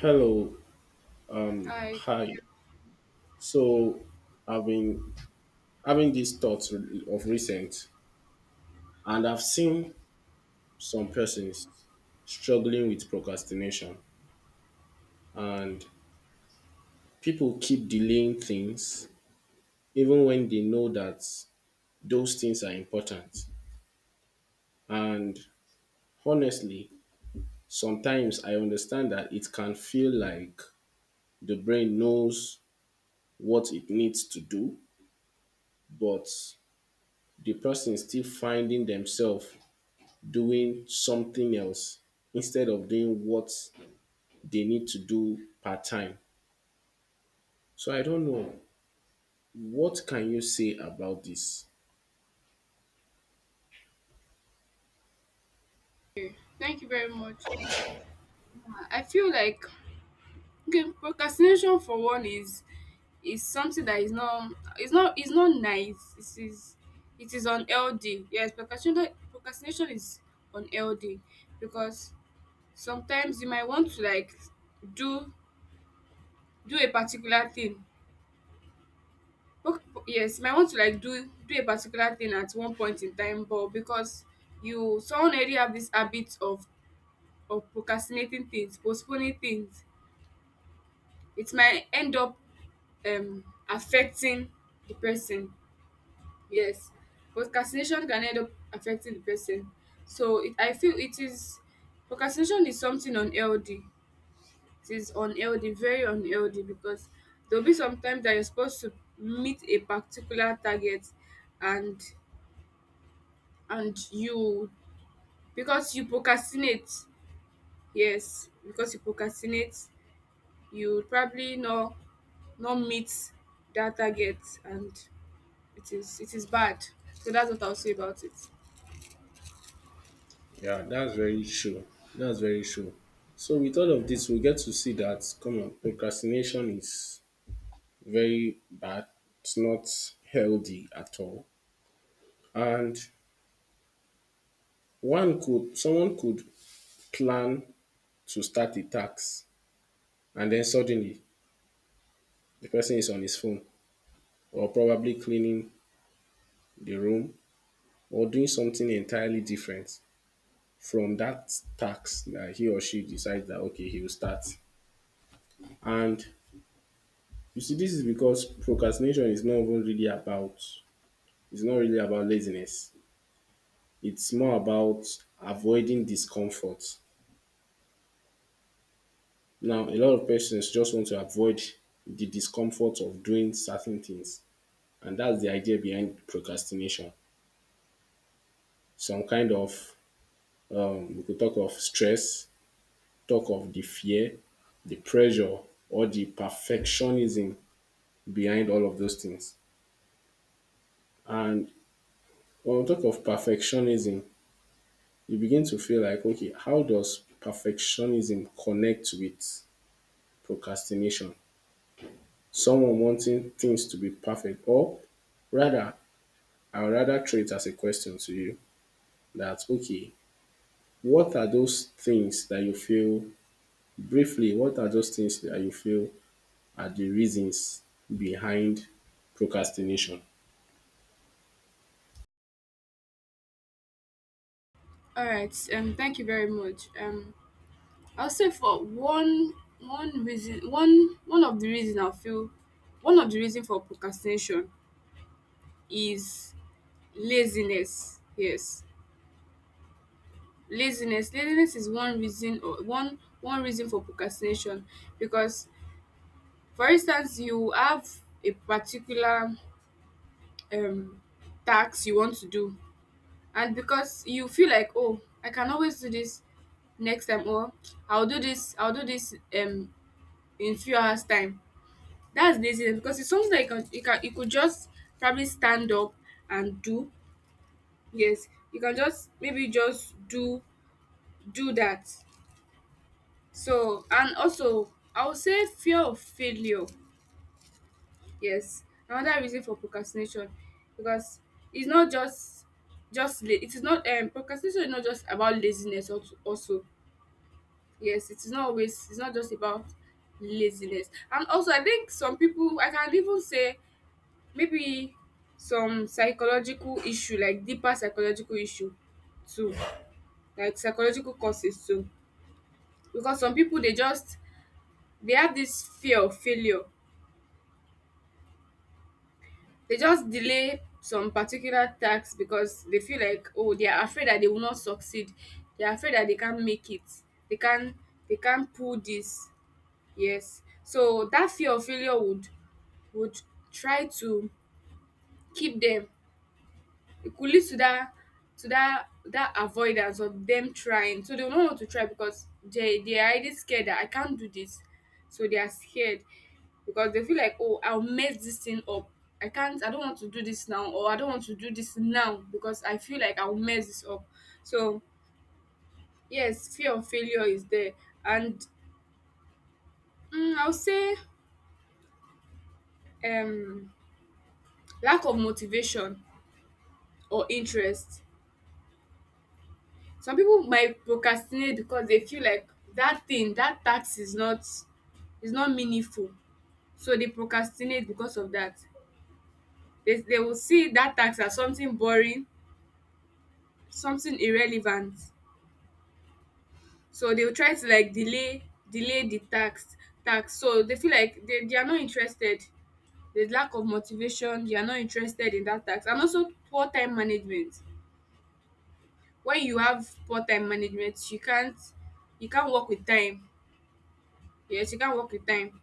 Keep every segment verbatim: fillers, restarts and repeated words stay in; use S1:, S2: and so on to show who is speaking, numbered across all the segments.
S1: Hello,
S2: Hi,
S1: hi. So I've been having these thoughts of recent, and I've seen some persons struggling with procrastination, and people keep delaying things even when they know that those things are important. And honestly, sometimes I understand that it can feel like the brain knows what it needs to do, but the person is still finding themselves doing something else instead of doing what they need to do part time. So I don't know, what can you say about this?
S2: thank you very much. Uh, I feel like okay, procrastination for one is is something that is not it's not it's not nice. It is it is unhealthy. Yes, procrastination procrastination is unhealthy because sometimes you might want to like do do a particular thing. Proc- Yes, you might want to like do do a particular thing at one point in time, but because you someone already have this habit of of procrastinating things, postponing things, it might end up um affecting the person. Yes, procrastination can end up affecting the person. So it, I feel it is, procrastination is something unhealthy. It is unhealthy, very unhealthy, because there'll be some times that you're supposed to meet a particular target, and and you, because you procrastinate, yes, because you procrastinate, you probably not, not meet that target, and it is it is bad. So that's what I'll say about it.
S1: Yeah, that's very true. That's very true. So with all of this, we get to see that come on, procrastination is very bad. It's not healthy at all. And one could someone could plan to start a task, and then suddenly the person is on his phone or probably cleaning the room or doing something entirely different from that task that he or she decides that okay, he will start. And you see, this is because procrastination is not even really about, it's not really about laziness. It's more about avoiding discomfort. Now, a lot of persons just want to avoid the discomfort of doing certain things, and that's the idea behind procrastination. Some kind of, um, we could talk of stress, talk of the fear, the pressure, or the perfectionism behind all of those things. And when we talk of perfectionism, you begin to feel like, okay, how does perfectionism connect with procrastination? Someone wanting things to be perfect, or rather, I would rather throw it as a question to you that, okay, what are those things that you feel, briefly, what are those things that you feel are the reasons behind procrastination?
S2: All right. Um. Thank you very much. Um. I'll say for one one reason, one one of the reason I feel, one of the reason for procrastination is laziness. Yes, laziness. Laziness is one reason, or one one reason for procrastination because, for instance, you have a particular um task you want to do, and because you feel like, oh, I can always do this next time, or I'll do this, I'll do this um in few hours time. That's laziness, because it's something that you can you can you could just probably stand up and do. Yes, you can just maybe just do do that. So, and also, I would say fear of failure. Yes, another reason for procrastination, because it's not just, just la- it is not, um procrastination is not just about laziness. Also, also, yes, it's not always it's not just about laziness. And also, I think some people, I can even say, maybe some psychological issue, like deeper psychological issue too, like psychological causes too, because some people, they just, they have this fear of failure. They just delay some particular tasks because they feel like, oh, they are afraid that they will not succeed, they are afraid that they can't make it, they can't they can't pull this. Yes, so that fear of failure would would try to keep them. It could lead to that, to that that avoidance of them trying, so they will not want to try because they they are already scared that I can't do this. So they are scared because they feel like, oh, I'll mess this thing up. i can't I don't want to do this now, or I don't want to do this now because I feel like I'll mess this up. So yes, fear of failure is there. And mm, I'll say um lack of motivation or interest. Some people might procrastinate because they feel like that thing that tax is not, is not meaningful, so they procrastinate because of that. They, they will see that tax as something boring, something irrelevant, so they will try to like delay, delay the tax, tax, so they feel like they, they are not interested. There's lack of motivation, they are not interested in that tax. And also poor time management. When you have poor time management, you can't, you can't work with time. Yes, you can't work with time.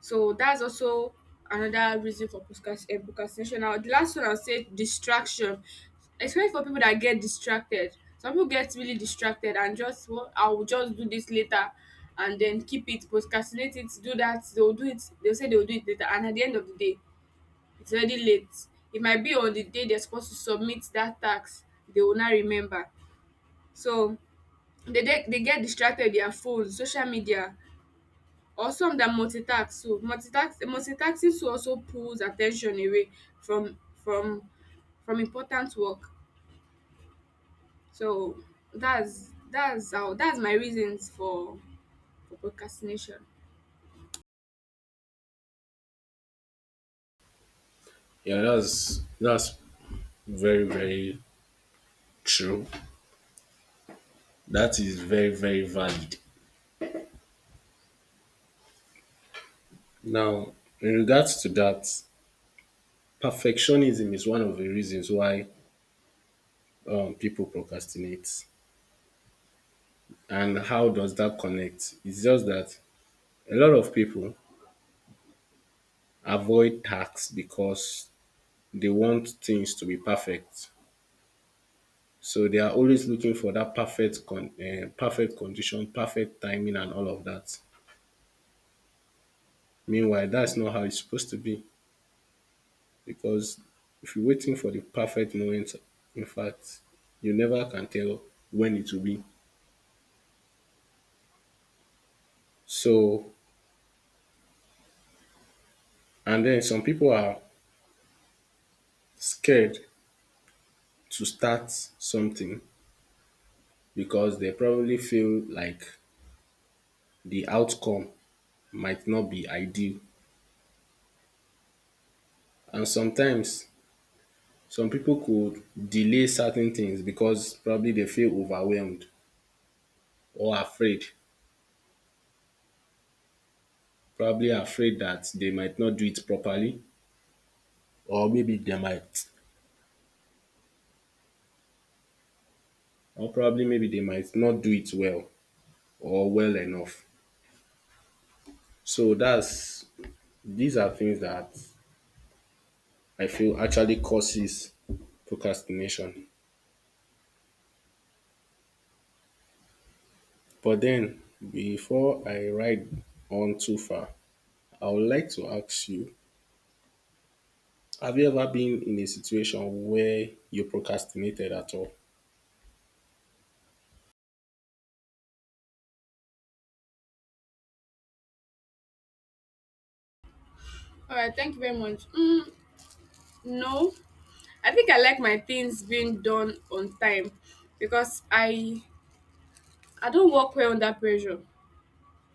S2: So that's also another reason for procrast- eh, procrastination. Now, the last one I'll say distraction, especially for people that get distracted. Some people get really distracted and just, well, I'll just do this later, and then keep it, procrastinate it, do that. They'll do it, they'll say they'll do it later. And at the end of the day, it's already late. It might be on the day they're supposed to submit that tax, they will not remember. So they, they, they get distracted with their phones, social media, or some that multitask too, multitask multitasking too, also pulls attention away from from from important work. So that's that's how that's my reasons for for procrastination.
S1: Yeah, that's that's very very true. That is very very valid. Now, in regards to that, perfectionism is one of the reasons why um, people procrastinate. And how does that connect? It's just that a lot of people avoid tasks because they want things to be perfect. So they are always looking for that perfect, con- uh, perfect condition, perfect timing, and all of that. Meanwhile, that's not how it's supposed to be, because if you're waiting for the perfect moment, in fact, you never can tell when it will be. So, and then some people are scared to start something because they probably feel like the outcome might not be ideal. And sometimes some people could delay certain things because probably they feel overwhelmed or afraid, probably afraid that they might not do it properly, or maybe they might, or probably maybe they might not do it well or well enough. So that's these are things that I feel actually causes procrastination. But then, before I ride on too far, I would like to ask you, have you ever been in a situation where you procrastinated at all?
S2: All right, thank you very much. Mm, no, I think I like my things being done on time because i I don't work well under pressure.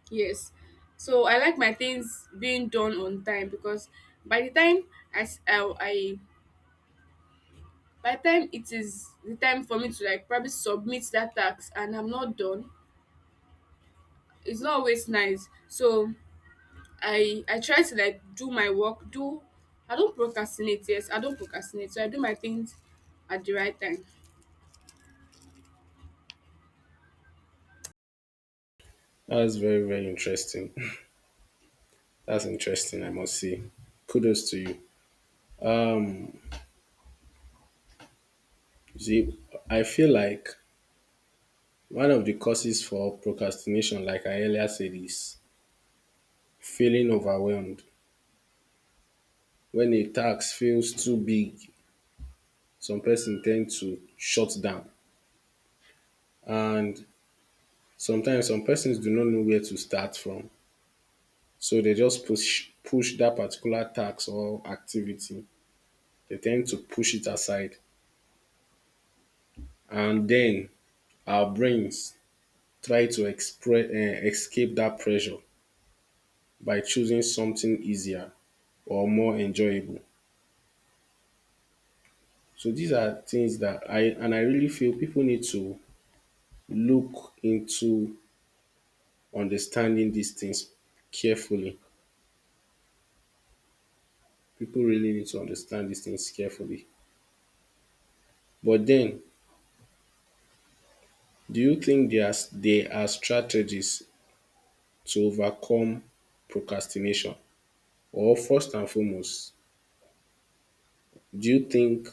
S2: Yes, so I like my things being done on time because by the time i s- i, I, by the time it is the time for me to like probably submit that tax and I'm not done, it's not always nice. So i i try to like do my work, do I don't procrastinate. Yes, I don't procrastinate, so I do my things at the right time.
S1: That's very, very interesting. That's interesting, I must say. Kudos to you. Um, see, I feel like one of the causes for procrastination, like I earlier said, is feeling overwhelmed. When a task feels too big, some person ten d to shut down, and sometimes some persons do not know where to start from. So they just push push dat particular task or activity. They ten d to push it aside, and then our brains try to express um escape dat pressure by choosing something easier or more enjoyable. So these are things dat I, and I really feel pipu need to look into understanding these things carefully. People really need to understand these things carefully. But then, do you think there are, there are strategies to overcome procrastination? Or, first and foremost, do you think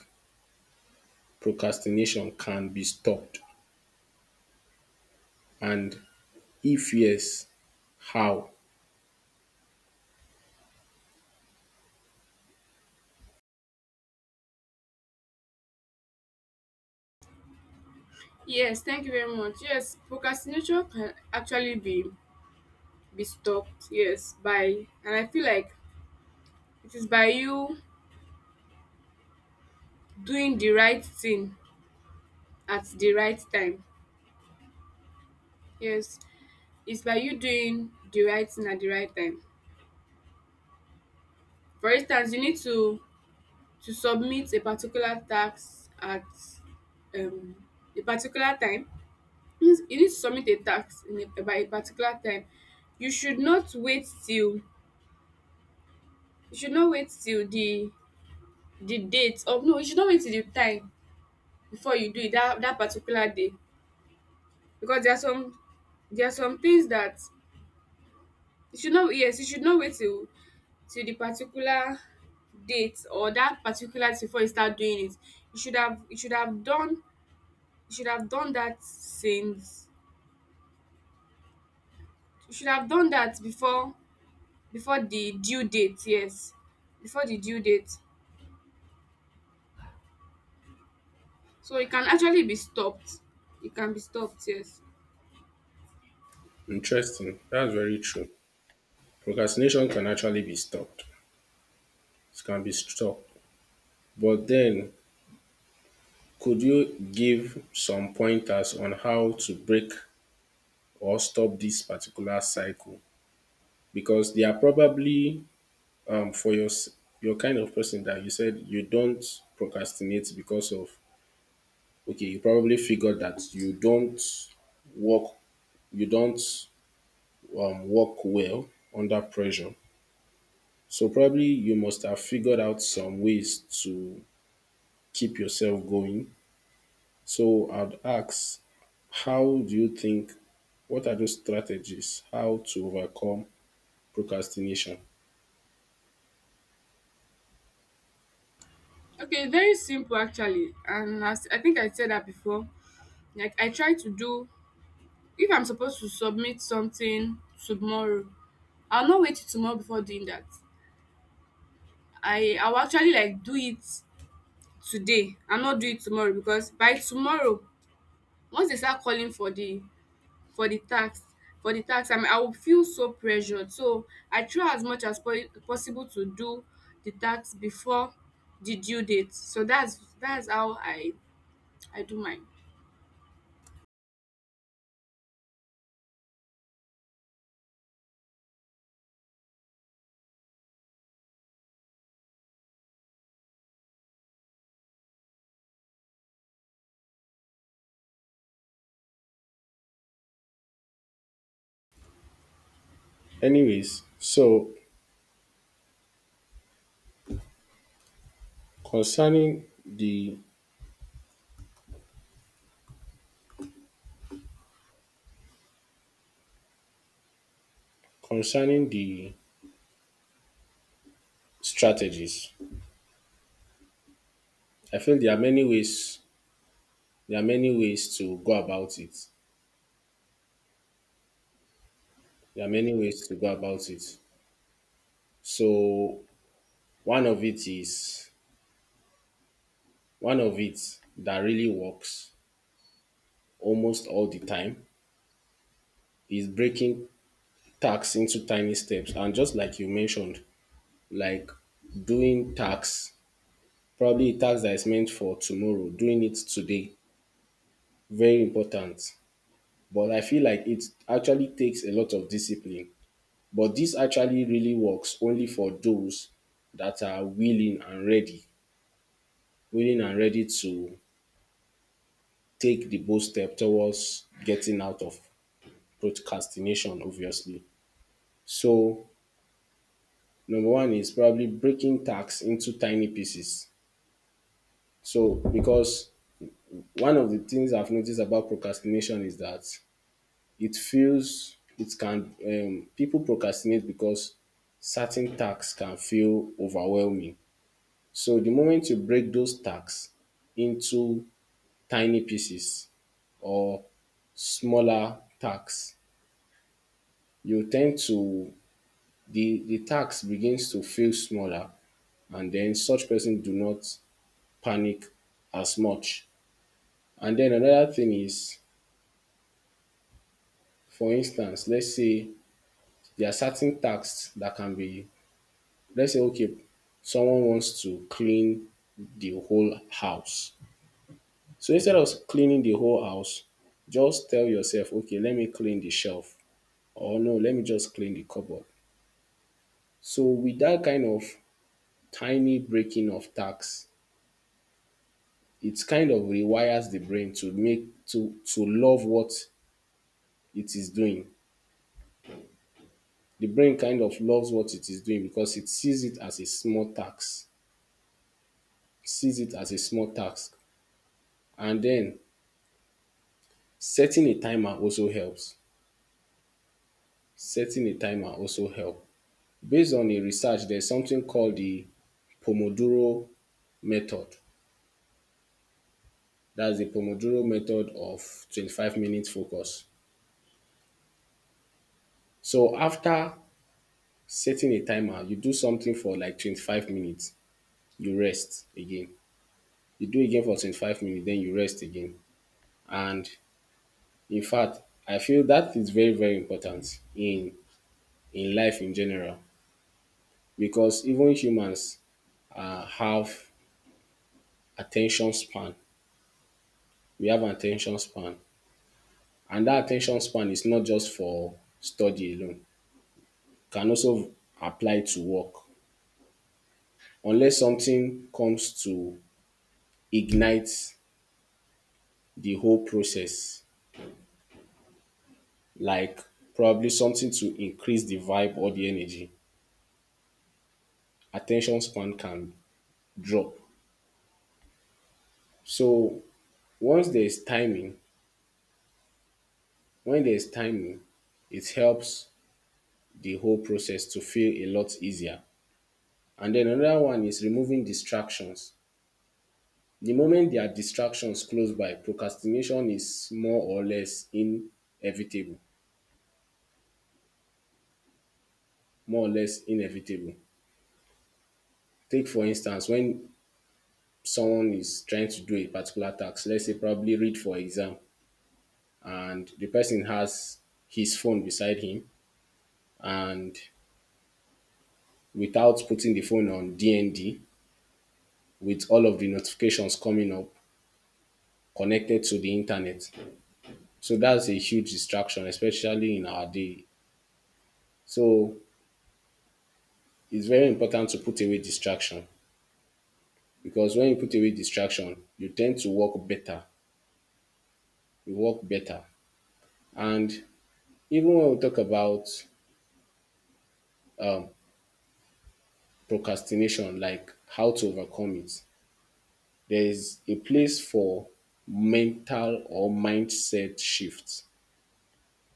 S1: procrastination can be stopped? And if yes, how?
S2: Yes, thank you very much. Yes, procrastination can actually be be stopped. Yes, by, and I feel like it is by you doing the right thing at the right time. Yes, it's by you doing the right thing at the right time. For instance, you need to to submit a particular tax at um a particular time. Means you need to submit a tax in a, by a particular time. You should not wait till, you should not wait till the the date of, no, you should not wait till the time before you do it, that, that particular day. Because there are some, there are some things that you should not, yes, you should not wait till, till the particular date or that particular thing before you start doing it. You should have you should have done, you should have done that since, you should have done that before, before the due date. Yes, before the due date. So it can actually be stopped. It can be stopped, yes.
S1: Interesting. That's very true. Procrastination can actually be stopped. It can be stopped. But then, could you give some pointers on how to break or stop this particular cycle? Because they are probably um, for your s- your kind of person that you said you don't procrastinate because of, okay, you probably figured that you don't work you don't um, work well under pressure. So probably you must have figured out some ways to keep yourself going. So I'd ask, how do you think, what are those strategies, how to overcome procrastination?
S2: Okay, very simple actually, and as I think I said that before, like, I try to do, if I'm supposed to submit something tomorrow, I'll not wait till tomorrow before doing that. i I'll actually like do it today and not do it tomorrow, because by tomorrow, once they start calling for the for the task, for the task, and I will feel so pressured. So I try as much as po- possible to do the task before the due date. So that's that's how I I do mine.
S1: Anyways, so concerning the concerning the strategies, I feel there are many ways, there are many ways to go about it. There are many ways to go about it. So one of it is one of it that really works almost all the time is breaking tasks into tiny steps. And just like you mentioned, like doing tax, probably a tax that is meant for tomorrow, doing it today, very important. But I feel like it actually takes a lot of discipline. But this actually really works only for those that are willing and ready, willing and ready to take the bold step towards getting out of procrastination, obviously. So number one is probably breaking tasks into tiny pieces. So because one of the things I've noticed about procrastination is that it feels it can um, people procrastinate because certain tasks can feel overwhelming. So the moment you break those tasks into tiny pieces or smaller tasks, you tend to, the the task begins to feel smaller, and then such person do not panic as much. And then another thing is, for instance, let's say there are certain tasks that can be, let's say, okay, someone wants to clean the whole house. So instead of cleaning the whole house, just tell yourself, okay, let me clean the shelf, or no, let me just clean the cupboard. So with that kind of tiny breaking of tasks, it kind of rewires the brain to make to to love what it is doing. The brain kind of loves what it is doing because it sees it as a small task, sees it as a small task. And then setting a timer also helps. Setting a timer also help. Based on a research, there's something called the Pomodoro method. That's the Pomodoro method of twenty-five minutes focus. So after setting a timer, you do something for like twenty-five minutes, you rest again. You do again for twenty-five minutes, then you rest again. And in fact, I feel that is very, very important in in life in general because even humans uh, have attention span. We have an attention span. And that attention span is not just for study alone. It can also apply to work. Unless something comes to ignite the whole process, like probably something to increase the vibe or the energy, attention span can drop. So once there is timing, when there is timing, it helps the whole process to feel a lot easier. And then another one is removing distractions. The moment there are distractions close by, procrastination is more or less inevitable. More or less inevitable. Take for instance, when someone is trying to do a particular task, let's say probably read for exam, and the person has his phone beside him, and without putting the phone on D N D, with all of the notifications coming up connected to the internet. So that's a huge distraction, especially in our day. So it's very important to put away distraction because when you put away distraction, you tend to work better. You work better. And even when we talk about um, procrastination, like how to overcome it, there is a place for mental or mindset shifts.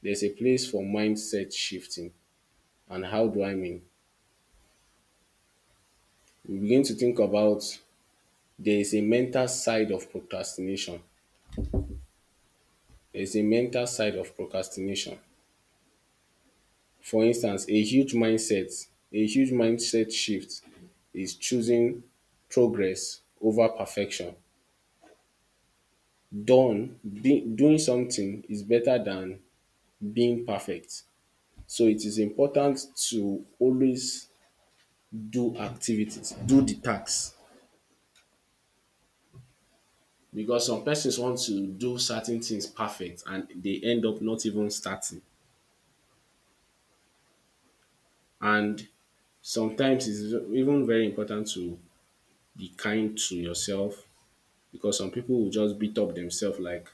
S1: There's a place for mindset shifting. And how do I mean? We begin to think about, there is a mental side of procrastination. There is a mental side of procrastination. For instance, a huge mindset a huge mindset shift is choosing progress over perfection. Done being doing something is better than being perfect. So it is important to always do activities, do the tasks, because some persons want to do certain things perfect and they end up not even starting. And sometimes it's even very important to be kind to yourself because some people will just beat up themselves like,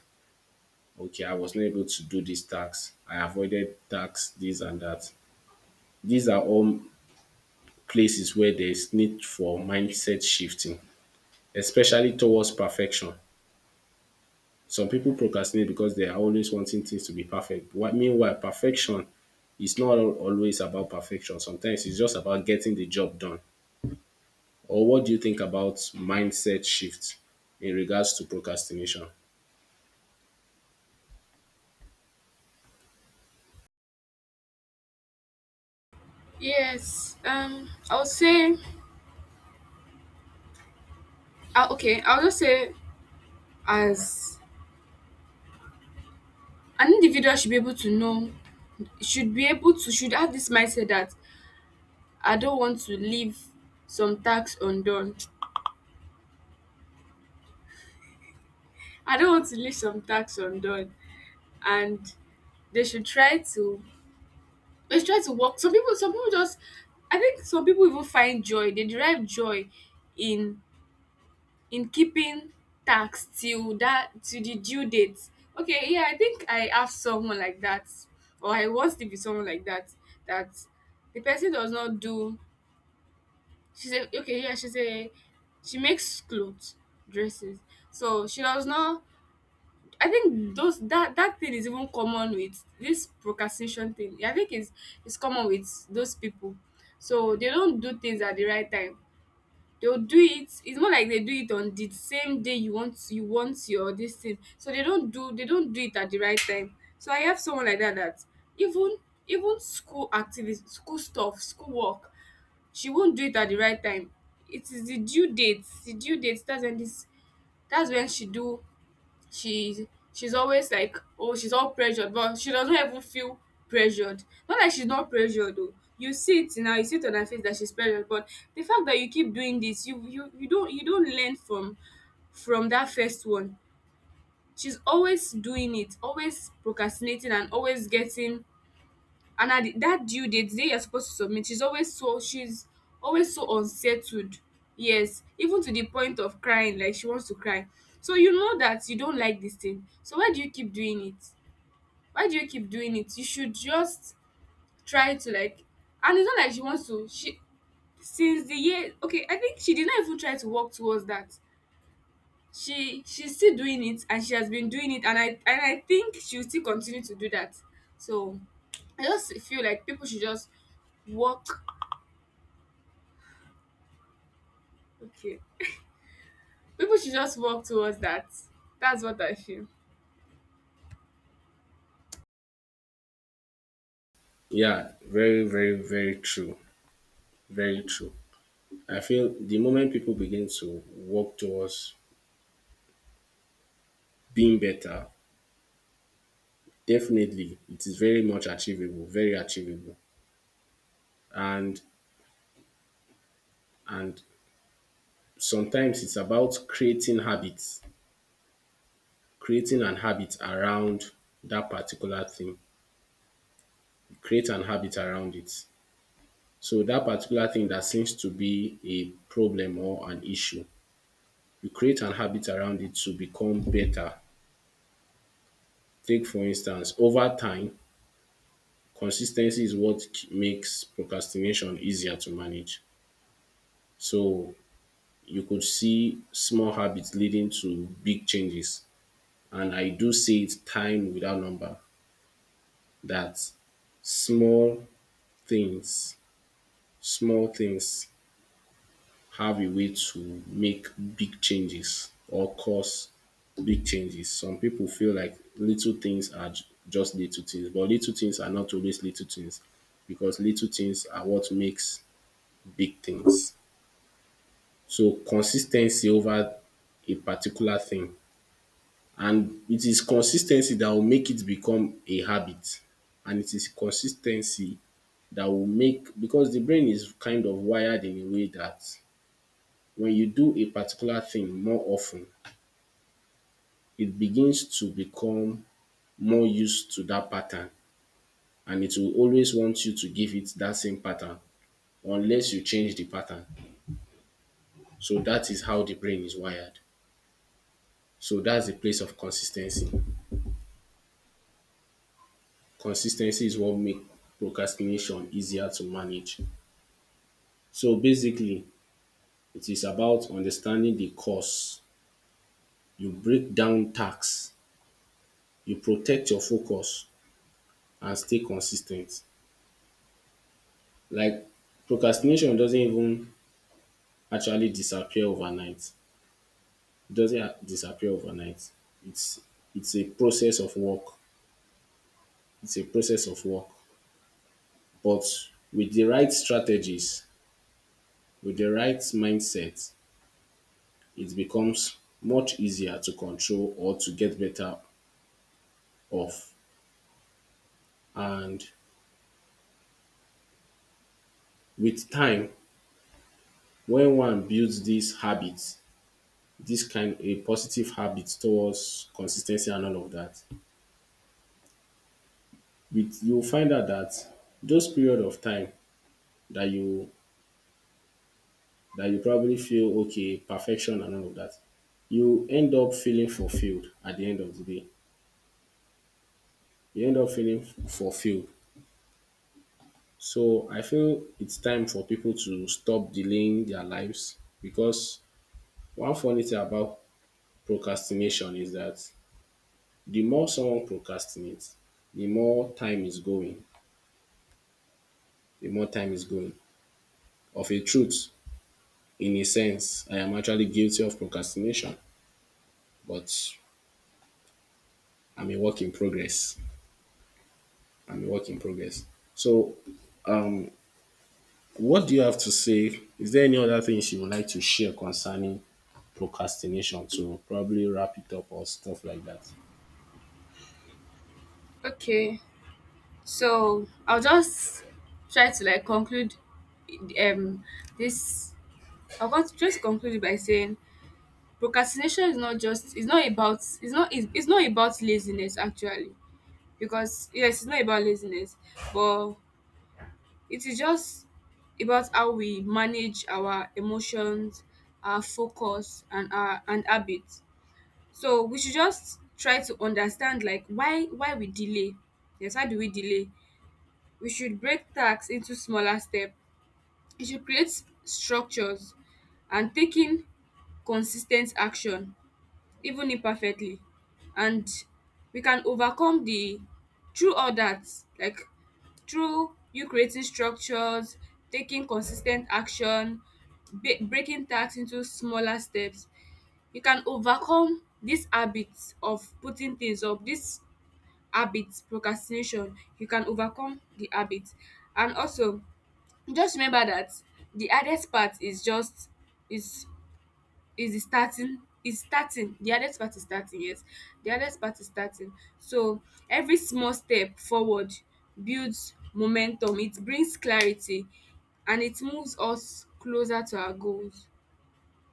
S1: okay, I was not able to do this tax. I avoided tax, this and that. These are all places where there's need for mindset shifting, especially towards perfection. Some people procrastinate because they are always wanting things to be perfect. Whi- Meanwhile, perfection is not al- always about perfection. Sometimes it's just about getting the job done. Or what do you think about mindset shift in regards to procrastination?
S2: Yes. Um. I'll say. Uh, okay. I'll just say as an individual should be able to know, should be able to should have this mindset that I don't want to leave some tasks undone. I don't want to leave some tasks undone, and they should try to, let's try to work. Some people, some people just, I think some people even find joy. They derive joy in in keeping tax till that, to the due date. Okay, yeah, I think I have someone like that, or I once lived with someone like that. That the person does not do. She said, okay, yeah, she said she makes clothes, dresses. So she does not, I think those, that that thing is even common with this procrastination thing. I think it's it's common with those people. So they don't do things at the right time. They'll do it. It's more like they do it on the same day you want, you want your this thing. So they don't do, they don't do it at the right time. So I have someone like that, that even, even school activities, school stuff, school work, she won't do it at the right time. It is the due date. The due date, that's when this, that's when she do, she she's always like, oh, she's all pressured, but she doesn't even feel pressured. Not like she's not pressured though, you see it now, you see it on her face that she's pressured, but the fact that you keep doing this, you you, you don't, you don't learn from from that first one. She's always doing it, always procrastinating, and always getting, and at the, that due date, the day you're supposed to submit, she's always so she's always so unsettled. Yes, even to the point of crying, like she wants to cry. So you know that you don't like this thing, so why do you keep doing it? Why do you keep doing it? You should just try to like, and it's not like she wants to, she since the year, okay, I think she did not even try to work towards that. She she's still doing it, and she has been doing it, and i and I think she'll still continue to do that. So I just feel like people should just work. Okay, people should just work towards that. That's what I feel.
S1: Yeah, very, very, very true. Very true. I feel the moment people begin to work towards being better, definitely it is very much achievable, very achievable. And and sometimes it's about creating habits, creating an habit around that particular thing. You create an habit around it. So that particular thing that seems to be a problem or an issue, you create an habit around it to become better. Take for instance, over time, consistency is what k- makes procrastination easier to manage. So you could see small habits leading to big changes. And I do say it time without number that small things, small things have a way to make big changes or cause big changes. Some people feel like little things are j- just little things, but little things are not always little things because little things are what makes big things. So consistency over a particular thing, and it is consistency that will make it become a habit, and it is consistency that will make, because the brain is kind of wired in a way that when you do a particular thing more often, it begins to become more used to that pattern, and it will always want you to give it that same pattern unless you change the pattern. So that is how the brain is wired. So that's the place of consistency. Consistency is what make procrastination easier to manage. So basically, it is about understanding the cause. You break down tasks, you protect your focus and stay consistent. Like procrastination doesn't even actually disappear overnight. It doesn't a- disappear overnight. It's it's a process of work. It's a process of work. But with the right strategies, with the right mindset, it becomes much easier to control or to get better of. And with time, when one builds these habits, this kind a positive habit towards consistency and all of that, with you'll find out that those period of time that you that you probably feel okay, perfection and all of that, you end up feeling fulfilled at the end of the day. You end up feeling fulfilled. So I feel it's time for people to stop delaying their lives because one funny thing about procrastination is that the more someone procrastinates, the more time is going, the more time is going. Of a truth, in a sense, I am actually guilty of procrastination, but I'm a work in progress. I'm a work in progress. So, what do you have to say? Is there any other things you would like to share concerning procrastination to probably wrap it up or stuff like that?
S2: Okay, so I'll just try to like conclude um this. I want to just conclude it by saying procrastination is not just, it's not about it's not, it's, it's not about laziness actually, because yes, it's not about laziness, but it is just about how we manage our emotions, our focus, and our and habits. So we should just try to understand like why why we delay. Yes, why do we delay? We should break tasks into smaller steps. We should create structures and taking consistent action, even imperfectly. And we can overcome the, through all that, like through you creating structures, taking consistent action, ba- breaking tasks into smaller steps, you can overcome this habit of putting things up, this habit, procrastination, you can overcome the habit. And also, just remember that the hardest part is just is is the starting, is starting, the hardest part is starting. Yes, the hardest part is starting. So every small step forward builds momentum, it brings clarity, and it moves us closer to our goals.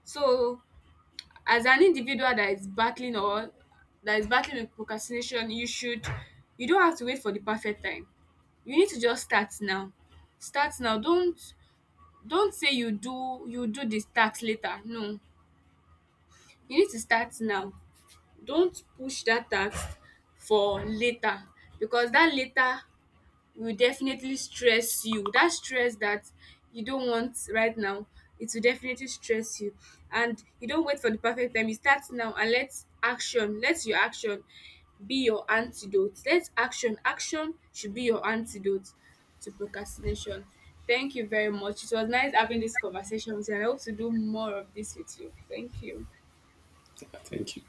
S2: So, as an individual that is battling, or that is battling with procrastination, you should, you don't have to wait for the perfect time, you need to just start now. Start now, don't don't say you do, you do this task later. No, you need to start now. Don't push that task for later, because that later will definitely stress you. That stress that you don't want right now, it will definitely stress you. And you don't wait for the perfect time. You start now, and let action, let your action be your antidote. Let action, action should be your antidote to procrastination. Thank you very much. It was nice having this conversation with you, and I hope to do more of this with you. Thank you.
S1: Thank you.